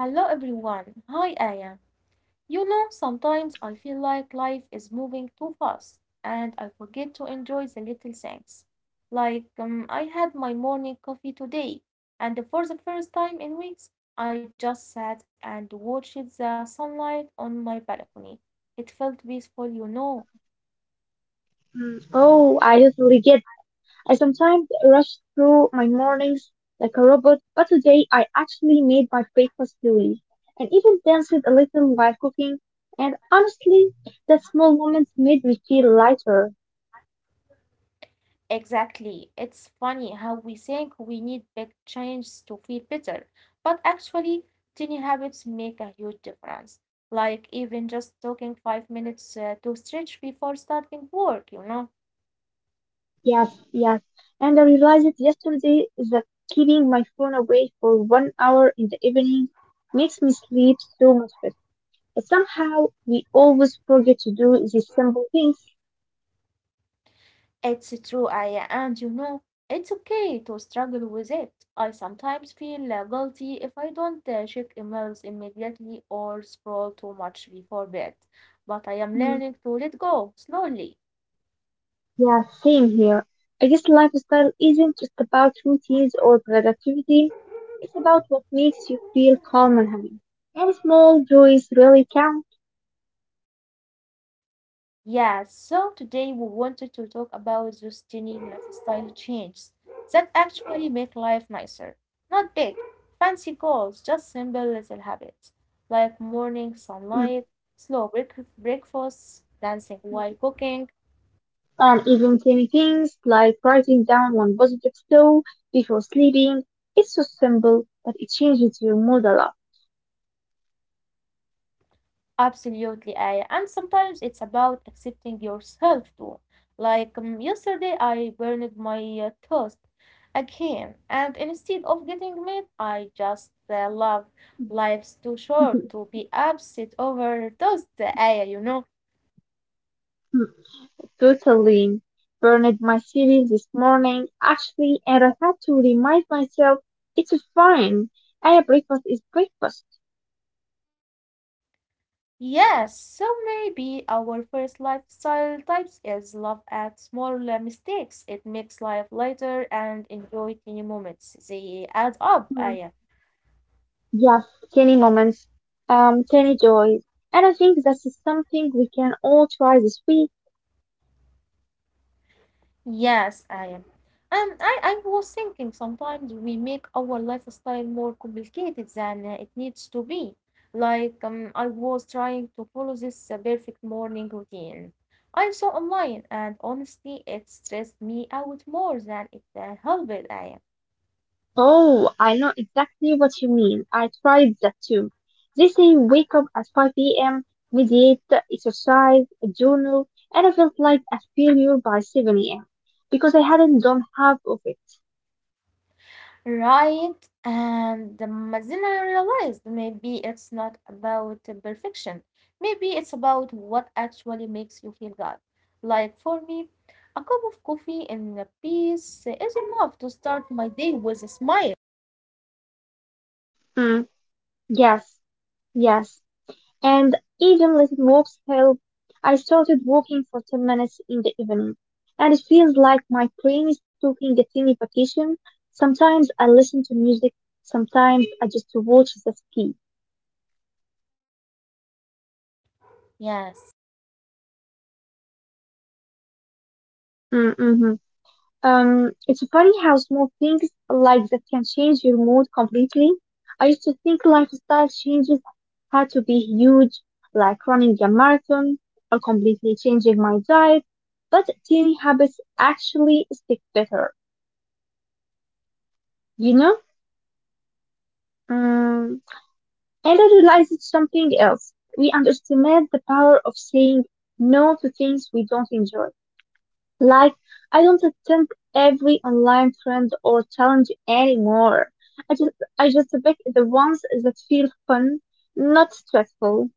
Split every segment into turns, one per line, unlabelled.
Hello everyone. Hi Aya. You know, sometimes I feel like life is moving too fast and I forget to enjoy the little things. Like I had my morning coffee today and for the first time in weeks I just sat and watched the sunlight on my balcony. It felt peaceful.
Mm, oh, I totally get. I sometimes rush through my mornings like a robot, but today I actually made my breakfast slowly and even danced a little while cooking. And honestly, that small moment made me feel lighter.
Exactly. It's funny how we think we need big changes to feel better, but actually, tiny habits make a huge difference. Like even just talking 5 minutes to stretch before starting work.
Yes, yes. And I realized it yesterday that keeping my phone away for 1 hour in the evening makes me sleep so much better. But somehow we always forget to do these simple things.
It's true, I and you know, it's okay to struggle with it. I sometimes feel guilty if I don't check emails immediately or scroll too much before bed, but I am
Hmm.
learning to let go slowly.
Yeah, same here. I guess lifestyle isn't just about routines or productivity. It's about what makes you feel calm and happy. And small joys really count.
Yeah, so today we wanted to talk about those tiny lifestyle changes that actually make life nicer. Not big, fancy goals, just simple little habits like morning sunlight,
Mm.
slow breakfasts, dancing while cooking.
And even tiny things like writing down one positive thought before sleeping. It's so simple, but it changes your mood a lot.
Absolutely, Aya. And sometimes it's about accepting yourself too. Like yesterday, I burned my toast again, and instead of getting mad, I just love life's too short to be upset over toast, Aya, you know?
Totally. Burned my series this morning, actually, and I had to remind myself it's fine. And breakfast is breakfast.
Yes, so maybe our first lifestyle types is love at small mistakes. It makes life lighter and enjoy tiny moments. They add up,
Hmm.
Aya.
Yes, tiny moments, tiny joys. And I think that's something we can all try this week.
Yes, I am. And I was thinking sometimes we make our lifestyle more complicated than it needs to be. Like, I was trying to follow this perfect morning routine. I saw online, and honestly, it stressed me out more than it helped I am.
Oh, I know exactly what you mean. I tried that too. They say wake up at 5 p.m., meditate, exercise, journal, and I felt like a failure by 7 a.m. because I hadn't done half of it.
Right, and then I realized maybe it's not about the perfection. Maybe it's about what actually makes you feel good. Like for me, a cup of coffee and a piece is enough to start my day with a smile.
Mm, yes, yes. And even little walks help. I started walking for 10 minutes in the evening, and it feels like my brain is taking a tiny vacation. Sometimes I listen to music, sometimes I just watch the ski.
Yes.
Mm-hmm. It's funny how small things like that can change your mood completely. I used to think lifestyle changes had to be huge, like running a marathon or completely changing my diet, but tiny habits actually stick better. You know, um, Ella realizes something else. We underestimate the power of saying no to things we don't enjoy. Like, I don't attend every online trend or challenge anymore. I just, I just pick the ones that feel fun, not stressful.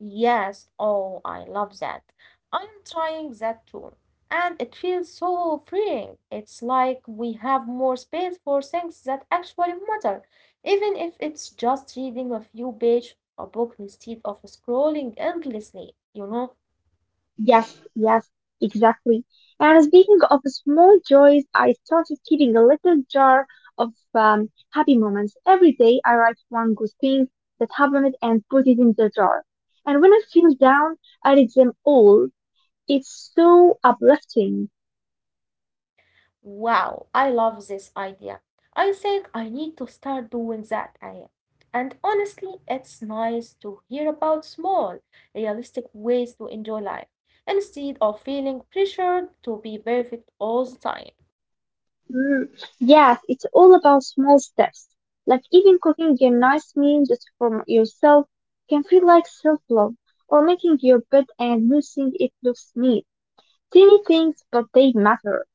Yes, oh, I love that. I'm trying that too. And it feels so freeing. It's like we have more space for things that actually matter, even if it's just reading a few pages of a book instead of scrolling endlessly, you know?
Yes, yes, exactly. And speaking of small joys, I started keeping a little jar of happy moments. Every day I write one good thing that happened and put it in the jar. And when I feel down, I read them all. It's so uplifting.
Wow, I love this idea. I think I need to start doing that, Aya. And honestly, it's nice to hear about small, realistic ways to enjoy life instead of feeling pressured to be perfect all the time.
Mm, yes, it's all about small steps. Like even cooking a nice meal just for yourself can feel like self-love, or making your bed and noticing it looks neat. Silly things, but they matter.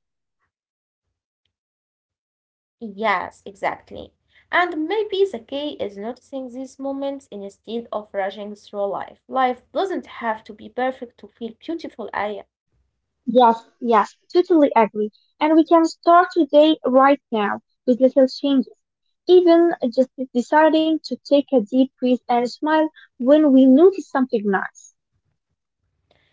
Yes, exactly. And maybe the key is noticing these moments instead of rushing through life. Life doesn't have to be perfect to feel beautiful, Aya.
Yes, yes, totally agree. And we can start today, right now, with little changes. Even just deciding to take a deep breath and smile when we notice something nice.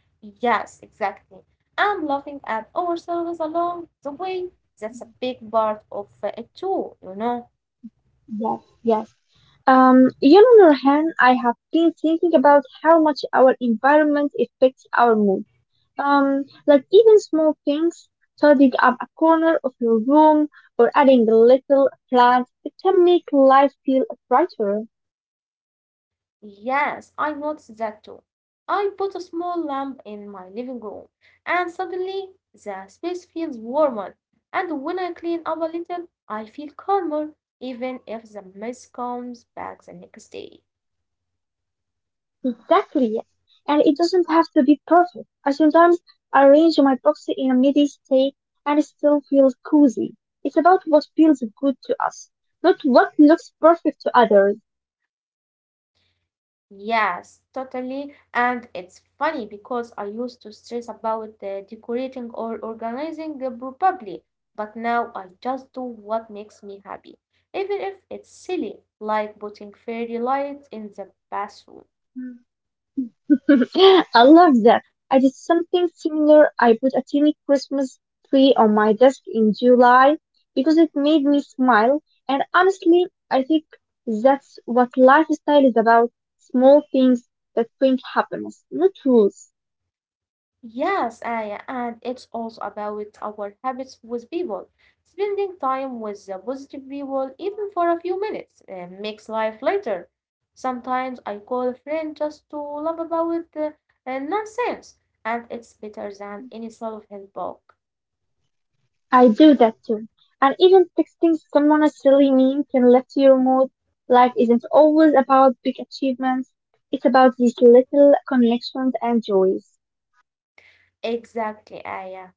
Yes, exactly. And laughing at ourselves along the way, that's a big part of it too, you know.
Yes, yes. You know, Nurhan, I have been thinking about how much our environment affects our mood. Like even small things, tidying up a corner of your room or adding a little plant, it can make life feel brighter.
Yes, I noticed that too. I put a small lamp in my living room, and suddenly the space feels warmer. And when I clean up a little, I feel calmer, even if the mess comes back the next day.
Exactly, yes. And it doesn't have to be perfect. I sometimes arrange my box in a midi state and it still feels cozy. It's about what feels good to us, not what looks perfect to others.
Yes, totally. And it's funny because I used to stress about decorating or organizing probably, but now I just do what makes me happy, even if it's silly, like putting fairy lights in the bathroom.
I love that. I did something similar. I put a tiny Christmas tree on my desk in July because it made me smile. And honestly, I think that's what lifestyle is about. Small things that bring happiness, not rules.
Yes, Aya, and it's also about our habits with people. Spending time with the positive people, even for a few minutes, makes life lighter. Sometimes I call a friend just to laugh about the nonsense, and it's better than any self-help book.
I do that too. And even texting someone a silly meme can lift your mood. Life isn't always about big achievements. It's about these little connections and joys.
Exactly, Aya.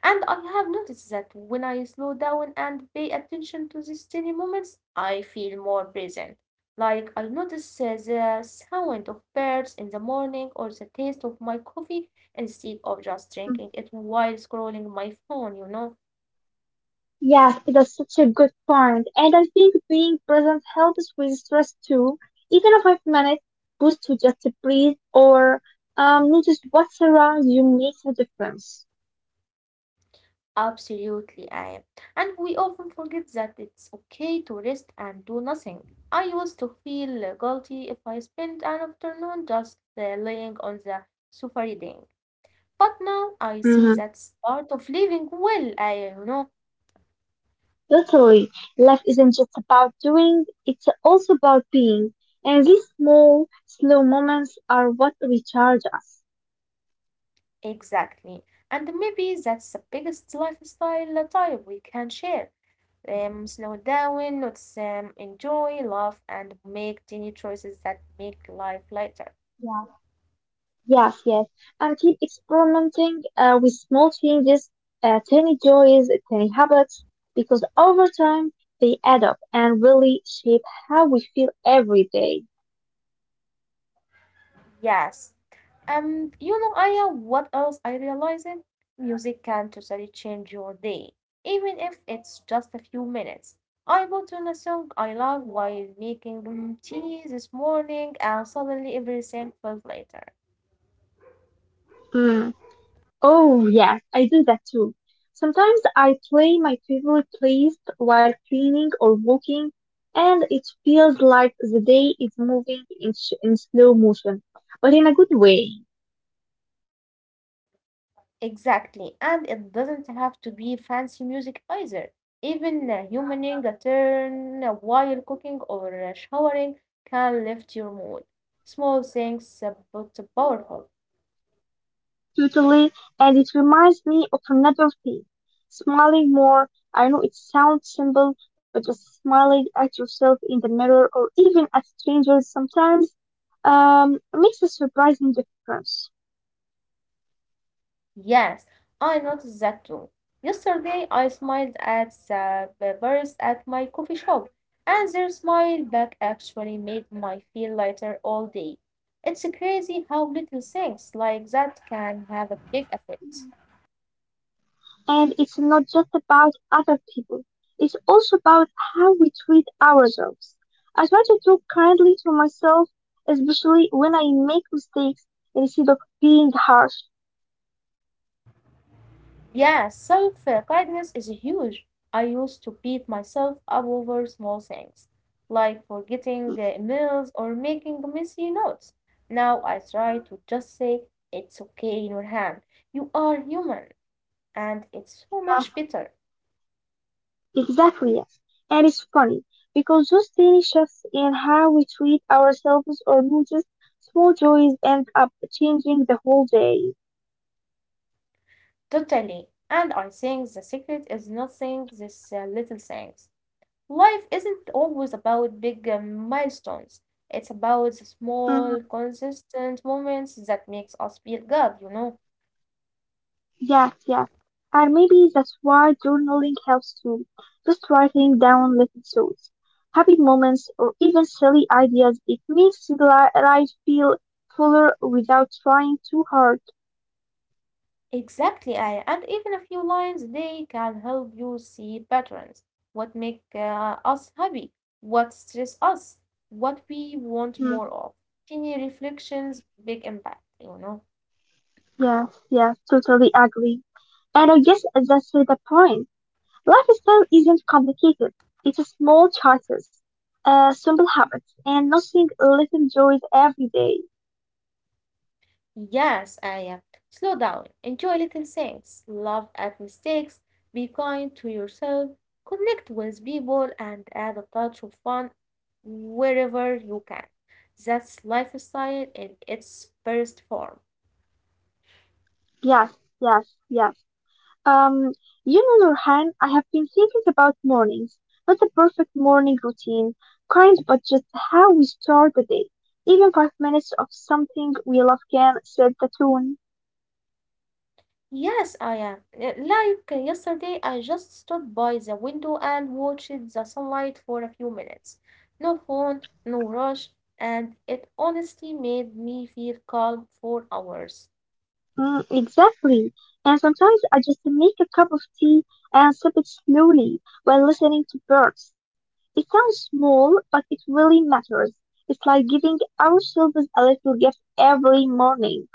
And I have noticed that when I slow down and pay attention to these tiny moments, I feel more present. Like I notice the sound of birds in the morning or the taste of my coffee instead of just drinking it while scrolling my phone, you know?
Yes, it is such a good point. And I think being present helps with stress too. Even a 5 minute boost to just breathe or notice what's around you makes a difference.
Absolutely, I am. And we often forget that it's okay to rest and do nothing. I used to feel guilty if I spent an afternoon just laying on the sofa reading. But now I see
Mhm.
that's part of living well, I you know?
Totally. Life isn't just about doing, it's also about being. And these small, slow moments are what recharge us.
Exactly. And maybe that's the biggest lifestyle type we can share. Slow down, notice, enjoy, love, and make tiny choices that make life lighter.
Yeah. Yes, yes. And keep experimenting with small changes, tiny joys, tiny habits, because over time they add up and really shape how we feel every day.
Yes. And you know, Aya, what else I realized? Music can totally change your day, even if it's just a few minutes. I put on a song I love while making tea this morning, and suddenly everything felt lighter.
Mm. Oh, yes, I do that too. Sometimes I play my favorite playlist while cleaning or walking, and it feels like the day is moving in, in slow motion, but in a good way.
Exactly, and it doesn't have to be fancy music either. Even humming a turn while cooking or showering can lift your mood. Small things, but powerful.
Totally, and it reminds me of another thing. Smiling more. I know it sounds simple, but just smiling at yourself in the mirror or even at strangers sometimes makes a surprising difference.
Yes, I noticed that too. Yesterday, I smiled at the barista at my coffee shop, and their smile back actually made my feel lighter all day. It's crazy how little things like that can have a big effect.
And it's not just about other people, it's also about how we treat ourselves. I try to talk kindly to myself, especially when I make mistakes, instead of being harsh.
Yeah, self kindness is huge. I used to beat myself up over small things, like forgetting
Hmm.
the emails or making messy notes. Now I try to just say, it's okay, Nurhan. You are human. And it's so
Yeah.
much better.
Exactly, yes. And it's funny because those tiny shifts in how we treat ourselves or notice small joys end up changing the whole day.
Totally. And I think the secret is not saying these little things. Life isn't always about big milestones. It's about the small,
Hmm.
consistent moments that makes us feel good.
Yes, yes. And maybe that's why journaling helps too. Just writing down little thoughts, happy moments, or even silly ideas, it makes life feel fuller without trying too hard.
Exactly, Aya. And even a few lines, they can help you see patterns. What make us happy? What stress us? What we want more
Mhm.
of? Tiny reflections, big impact, you know?
Yes, yes, totally agree. And I guess that's the point. Lifestyle isn't complicated. It's small choices, simple habits, and nothing little joys every day.
Yes, Aya. Slow down. Enjoy little things. Laugh at mistakes. Be kind to yourself. Connect with people and add a touch of fun wherever you can. That's lifestyle in its best form.
Yes, yes, yes. Um, you know, Nurhan, I have been thinking about mornings. Not the perfect morning routine, kind, but just how we start the day. Even 5 minutes of something we love can set the tone.
Yes, I am. Like yesterday, I just stood by the window and watched the sunlight for a few minutes. No phone, no rush, and it honestly made me feel calm for hours.
Mm, exactly. And sometimes I just make a cup of tea and sip it slowly while listening to birds. It sounds small, but it really matters. It's like giving ourselves a little gift every morning.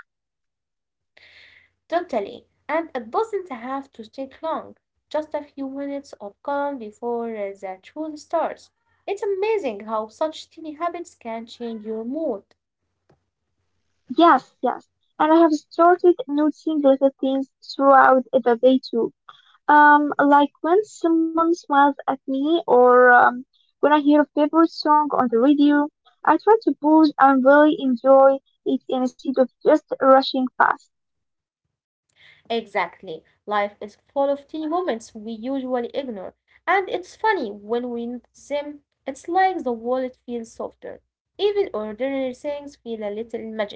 Totally. And it doesn't have to take long, just a few minutes of calm before the truth starts. It's amazing how such tiny habits can change your mood.
Yes, yes. And I have started noticing little things throughout the day too. Like when someone smiles at me or when I hear a favorite song on the radio, I try to pause and really enjoy it instead of just rushing past.
Exactly. Life is full of teeny moments we usually ignore, and it's funny when we notice them, it's like the world feels softer. Even ordinary things feel a little magical.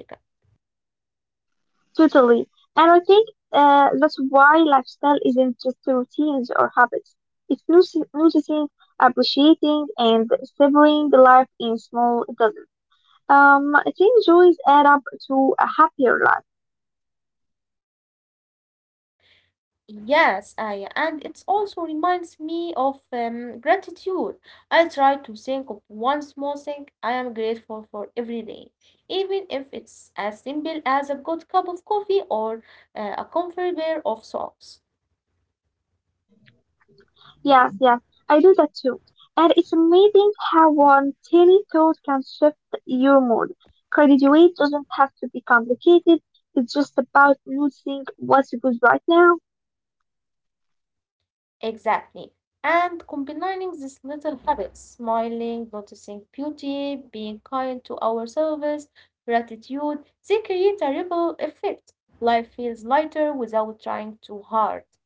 Totally. And I think that's why lifestyle isn't just routines or habits. It's noticing, appreciating, and savoring life in small doses. I think joys add up to a happier life.
Yes, I, and it also reminds me of gratitude. I try to think of one small thing I am grateful for every day, even if it's as simple as a good cup of coffee or a comfy pair of socks.
Yes, yes, I do that too. And it's amazing how one tiny thought can shift your mood. Graduate doesn't have to be complicated. It's just about noticing what's good right now.
Exactly. And combining these little habits, smiling, noticing beauty, being kind to ourselves, gratitude, they create a ripple effect. Life feels lighter without trying too hard.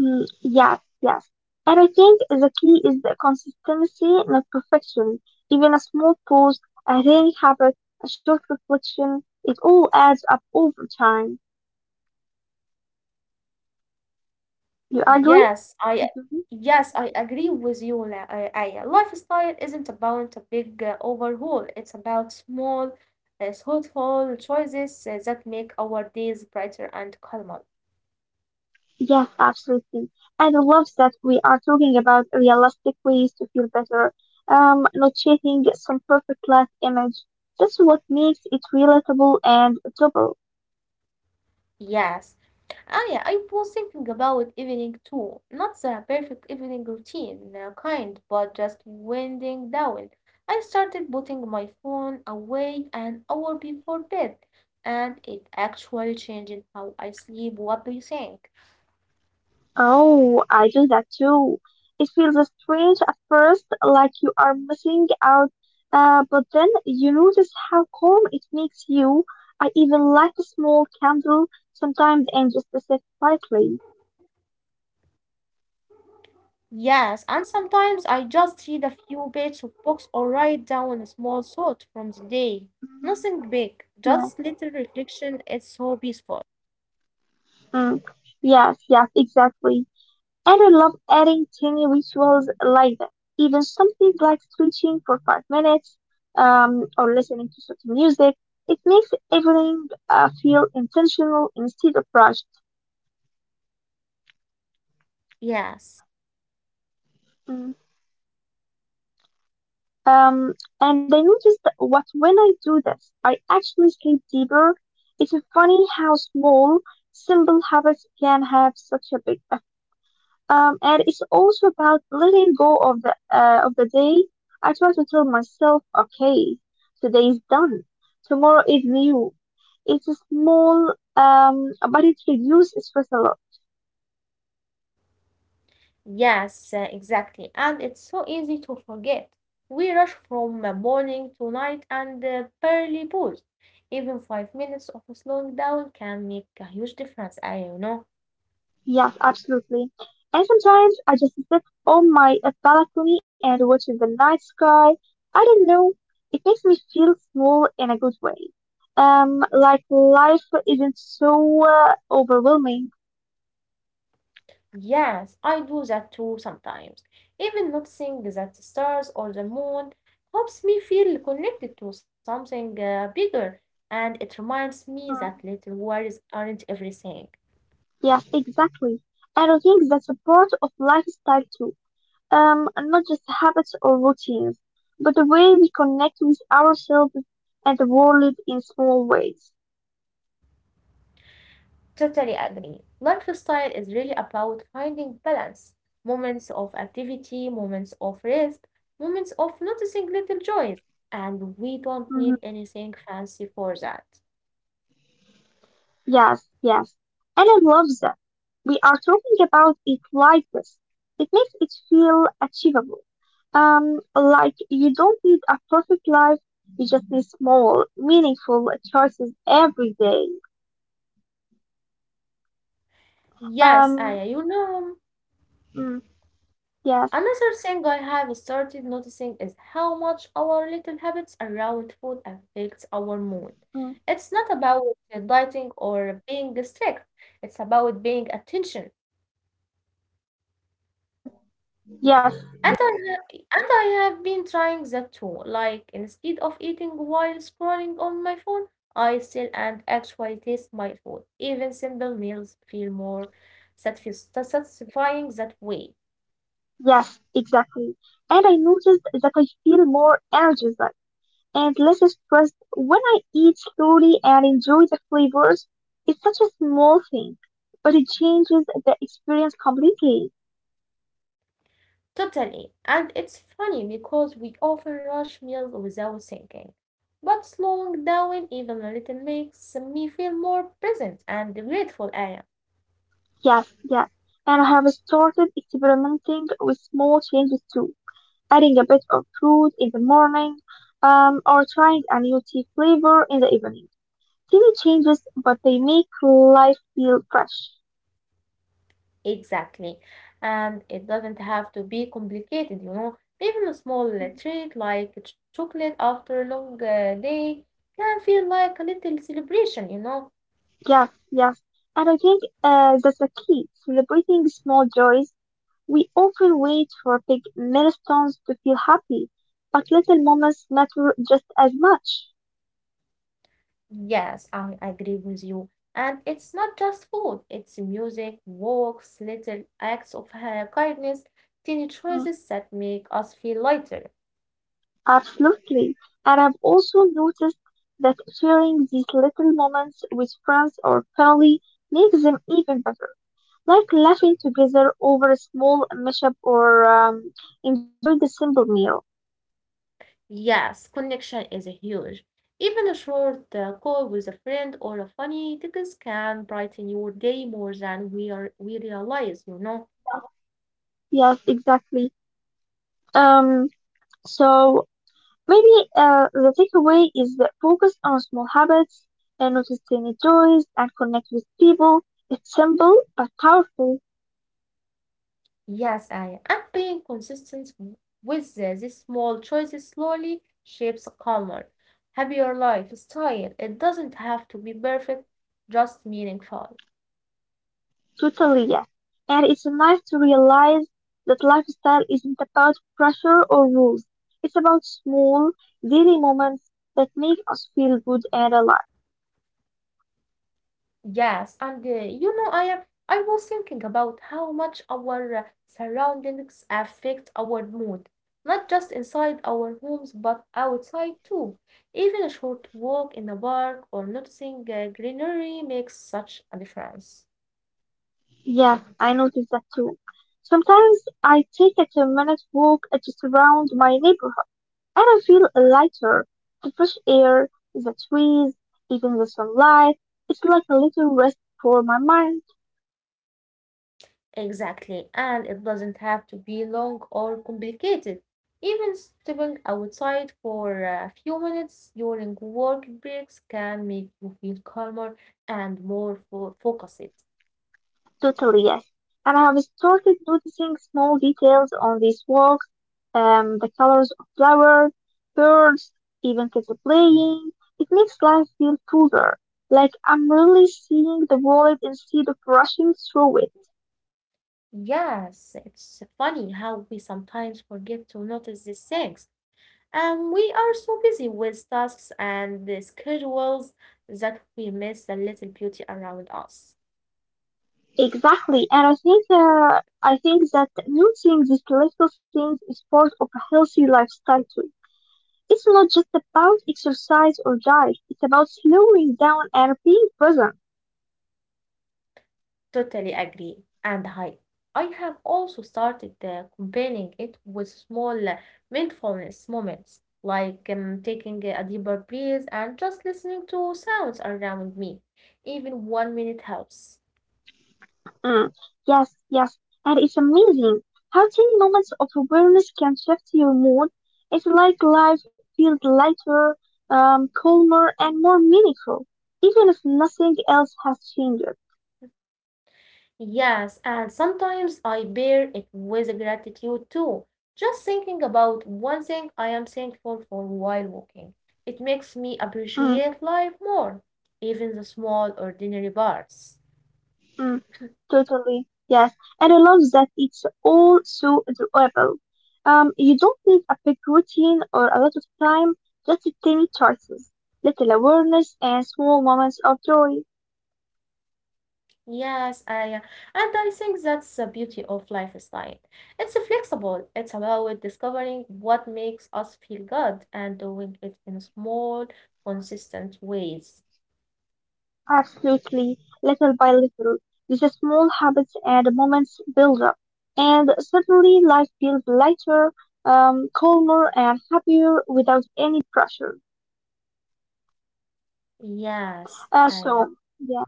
Mm, yes, yes. And I think the key is the consistency, not perfection. Even a small pause, a daily habit, a short reflection, it all adds up over time. You agree?
Yes, I yes, I agree with you, Aya. Lifestyle isn't about a big overhaul. It's about small, thoughtful choices that make our days brighter and calmer.
Yes, absolutely. And I love that we are talking about realistic ways to feel better, not chasing some perfect life image. That's what makes it relatable and doable.
Yes. Oh yeah, I was thinking about evening too. Not the perfect evening routine kind, but just winding down. I started putting my phone away an hour before bed, and it actually changed how I sleep. What do you think?
Oh, I do that too. It feels strange at first, like you are missing out, but then you notice how calm it makes you. I even light a small candle sometimes and just sit quietly.
Yes, and sometimes I just read a few pages of books or write down a small thought from the day.
Mhm.
Nothing big, just
Yeah.
little reflection. It's so peaceful.
Mm. Yes, yes, exactly. And I love adding tiny rituals like that. Even something like stretching for 5 minutes or listening to certain music. It makes everything feel intentional instead of rushed.
Yes.
Mm. Um, and I noticed that what when I do this, I actually sleep deeper. It's funny how small, simple habits can have such a big. And it's also about letting go of the day. I try to tell myself, okay, today is done. Tomorrow is new. It's a small, but it reduces stress a lot.
Yes, exactly. And it's so easy to forget. We rush from morning to night and barely pause. Even 5 minutes of slowing down can make a huge difference, I you know.
Yes, absolutely. And sometimes I just sit on my balcony and watch the night sky. I don't know. It makes me feel small in a good way. Like life isn't so overwhelming.
Yes, I do that too sometimes. Even noticing that the stars or the moon helps me feel connected to something bigger, and it reminds me that little
Hmm.
worries aren't everything.
Yes, exactly. And I think that's a part of lifestyle too. Not just habits or routines, but the way we connect with ourselves and the world in small ways.
Totally agree. Lifestyle is really about finding balance, moments of activity, moments of rest, moments of noticing little joys, and we don't need
Hmm.
anything fancy for that.
Yes, yes. And I love that. We are talking about it like this. It makes it feel achievable. Like you don't need a perfect life, you just need small, meaningful choices every day.
Yes,
Um,
Aya, you know,
mm, yes,
another thing I have started noticing is how much our little habits around food affects our mood.
mm,
It's not about dieting or being strict, it's about being attention.
yes.
And and I have been trying that too. Like, instead of eating while scrolling on my phone, I sit and actually taste my food. Even simple meals feel more satisfying that way.
Yes, exactly. And I noticed that I feel more energized and less stressed when I eat slowly and enjoy the flavors. It's such a small thing, but it changes the experience completely.
Totally. And it's funny because we often rush meals without thinking. But slowing down even a little makes me feel more present and grateful, Aya.
Yes, yes. And I have started experimenting with small changes too, adding a bit of fruit in the morning, or trying a new tea flavor in the evening. Tiny changes, but they make life feel fresh.
Exactly. And it doesn't have to be complicated, you know. Even a small treat like chocolate after a long day can feel like a little celebration, you know.
Yes, yes. And I think that's the key, celebrating small joys. We often wait for big milestones to feel happy, but little moments matter just as much.
Yes, I agree with you. And it's not just food, it's music, walks, little acts of kindness, tiny
Mm,
choices that make us feel lighter.
absolutely. And I've also noticed that sharing these little moments with friends or family makes them even better. Like laughing together over a small mishap or enjoying the simple meal.
Yes, connection is huge. Even a short call with a friend or a funny text can brighten your day more than we realize, you know.
Yeah. Yes, exactly. Um, so Maybe the takeaway is that focus on small habits and notice tiny joys and connect with people. It's simple but powerful,
Yes, I am being consistent with these small choices slowly shapes a calmer, happier lifestyle. It doesn't have to be perfect, just meaningful.
totally yes. And it's nice to realize that lifestyle isn't about pressure or rules. It's about small, daily moments that make us feel good and alive.
Yes, and you know, I am. I was thinking about how much our surroundings affect our mood, not just inside our homes, but outside too. Even a short walk in the park or noticing greenery makes such a difference.
Yes, I notice that too. Sometimes I take a 10-minute walk just around my neighborhood, and I feel lighter. The fresh air, the trees, even the sunlight. It's like a little rest for my mind.
Exactly, and it doesn't have to be long or complicated. Even stepping outside for a few minutes during work breaks can make you feel calmer and more focused.
Totally, yes. And I have started noticing small details on these walks: the colors of flowers, birds, even kids playing. It makes life feel fuller, like I'm really seeing the world instead of rushing through it.
Yes, it's funny how we sometimes forget to notice these things. And we are so busy with tasks and the schedules that we miss the little beauty around us.
Exactly. And I think that noticing these little things is part of a healthy lifestyle too. It's not just about exercise or diet. It's about slowing down and being present.
Totally agree. And I have also started combining it with small mindfulness moments, like taking a deeper breath and just listening to sounds around me. Even 1 minute helps.
Mm, yes, yes. And it's amazing how tiny moments of awareness can shift your mood. It's like life feels lighter, calmer, and more meaningful, even if nothing else has changed.
Yes, and sometimes I pair it with gratitude too. Just thinking about one thing I am thankful for while walking. It makes me
Mm,
appreciate life more, even the small, ordinary parts.
mm. Totally, yes. And I love that it's all so doable. You don't need a big routine or a lot of time, just tiny choices, little awareness, and small moments of joy.
Yes, I, and I think that's the beauty of lifestyle. It's flexible. It's about discovering what makes us feel good and doing it in small, consistent ways.
Absolutely, little by little. These small habits and moments build up, and suddenly life feels lighter, calmer, and happier without any pressure.
Yes, I.
Yeah.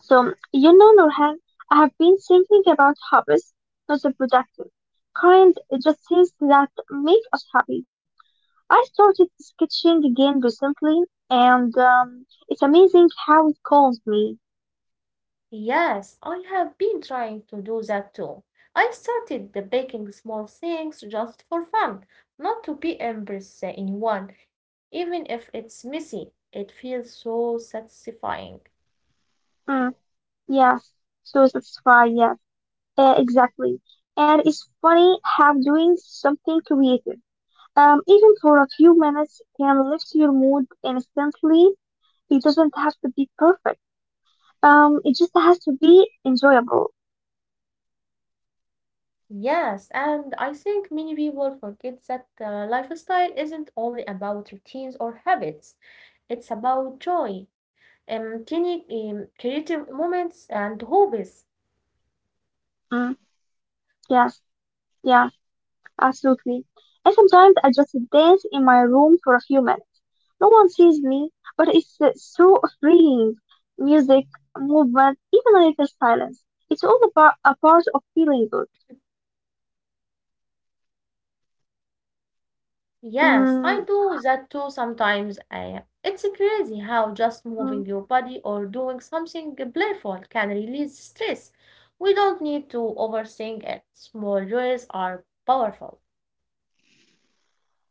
So, you know, Nurhan, I have been thinking about hobbies, not the productive kind, just things that make us happy. I started sketching again recently, and it's amazing how it calms me.
Yes, I have been trying to do that too. I started the baking small things just for fun, not to be embarrassed anyone, even if it's messy. It feels so satisfying.
Mm, yes, so satisfying, yes, exactly. And it's funny how doing something creative, even for a few minutes, can lift your mood instantly. It doesn't have to be perfect. It just has to be enjoyable.
Yes, and I think many people forget that the lifestyle isn't only about routines or habits. It's about joy, tiny creative moments and hobbies.
Mm, yes, yes, absolutely. And sometimes I just dance in my room for a few minutes. No one sees me, but it's so freeing. Music, movement, even a little silence. It's all about a part of feeling good.
Yes, I
Mm,
do that too sometimes, Aya. It's crazy how just moving
mm,
your body or doing something playful can release stress. We don't need to overthink it. Small joys are powerful.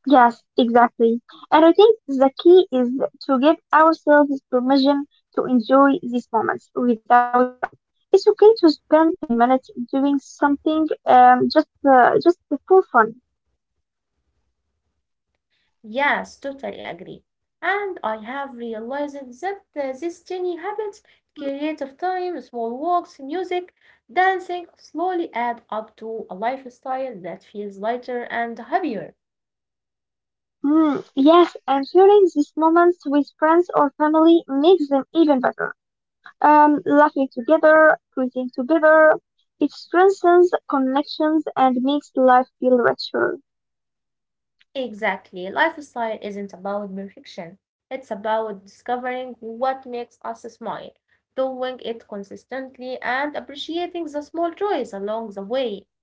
yes, exactly. And I think the key is to give ourselves permission to enjoy these moments without guilt. It's okay to spend 10 minutes doing something just for fun.
Yes, totally agree. And I have realized that these tiny habits, creative time, small walks, music, dancing, slowly add up to a lifestyle that feels lighter and happier.
Mm, yes. And sharing these moments with friends or family makes them even better. Laughing together, creating together, it strengthens connections and makes life feel richer.
Exactly. Lifestyle isn't about perfection. It's about discovering what makes us smile, doing it consistently, and appreciating the small joys along the way.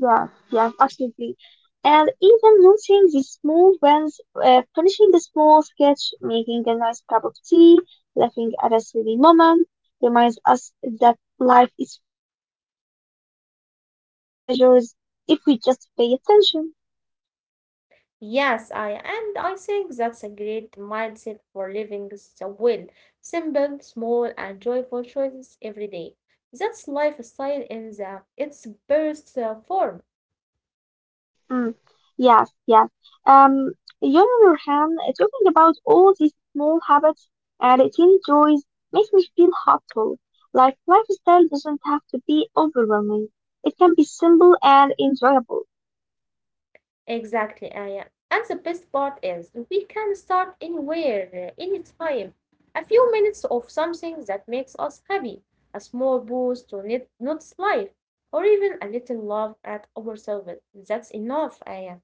Yes, yes, absolutely. And even noting these small wins, finishing a small sketch, making a nice cup of tea, laughing at a silly moment, reminds us that life is full of little pleasures if we just pay attention.
Yes, I and I think that's a great mindset for living the well. Simple, small, and joyful choices every day. That's lifestyle in the its best form.
Mm, yes, yes. Um, you, on the other hand, talking about all these small habits and little joys, makes me feel hopeful. Like lifestyle doesn't have to be overwhelming. It can be simple and enjoyable.
Exactly, Aya. And the best part is we can start anywhere, anytime. A few minutes of something that makes us happy, a small boost to not Not's life, or even a little love at ourselves. That's enough, Aya.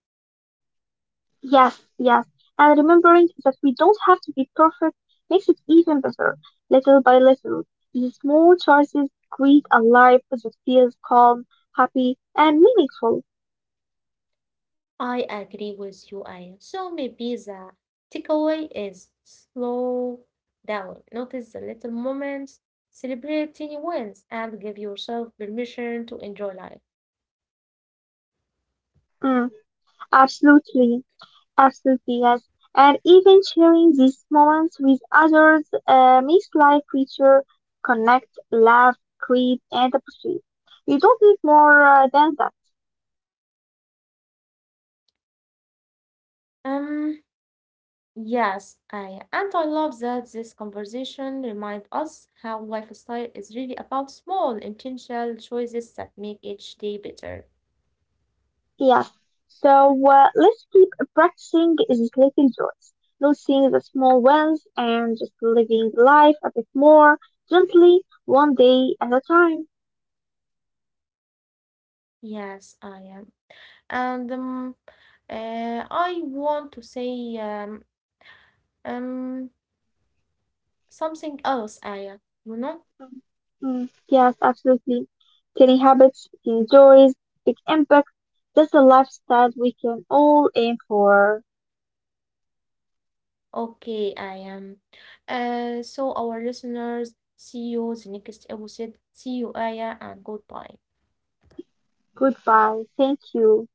Yes, yes. And remembering that we don't have to be perfect makes it even better. Little by little, these small choices create a life that feels calm, happy, and meaningful.
I agree with you, Aya. So maybe the takeaway is slow down, notice the little moments, celebrate tiny wins, and give yourself permission to enjoy life.
Mm, absolutely. Absolutely, yes. And even sharing these moments with others makes life richer. Connect, laugh, create, and appreciate. You don't need more than that.
Um, Yes, and I love that this conversation reminds us how lifestyle is really about small intentional choices that make each day better.
Yes. So let's keep practicing these little joys, noticing the small ones, and just living life a bit more gently, one day at a time.
Yes, I am. And I want to say um something else, Aya. You know?
Mm, yes, absolutely. Tiny habits, tiny joys, big impact. That's the lifestyle we can all aim for.
Okay, I am. So our listeners, see you the next episode. See you, Aya, and goodbye.
Goodbye. Thank you.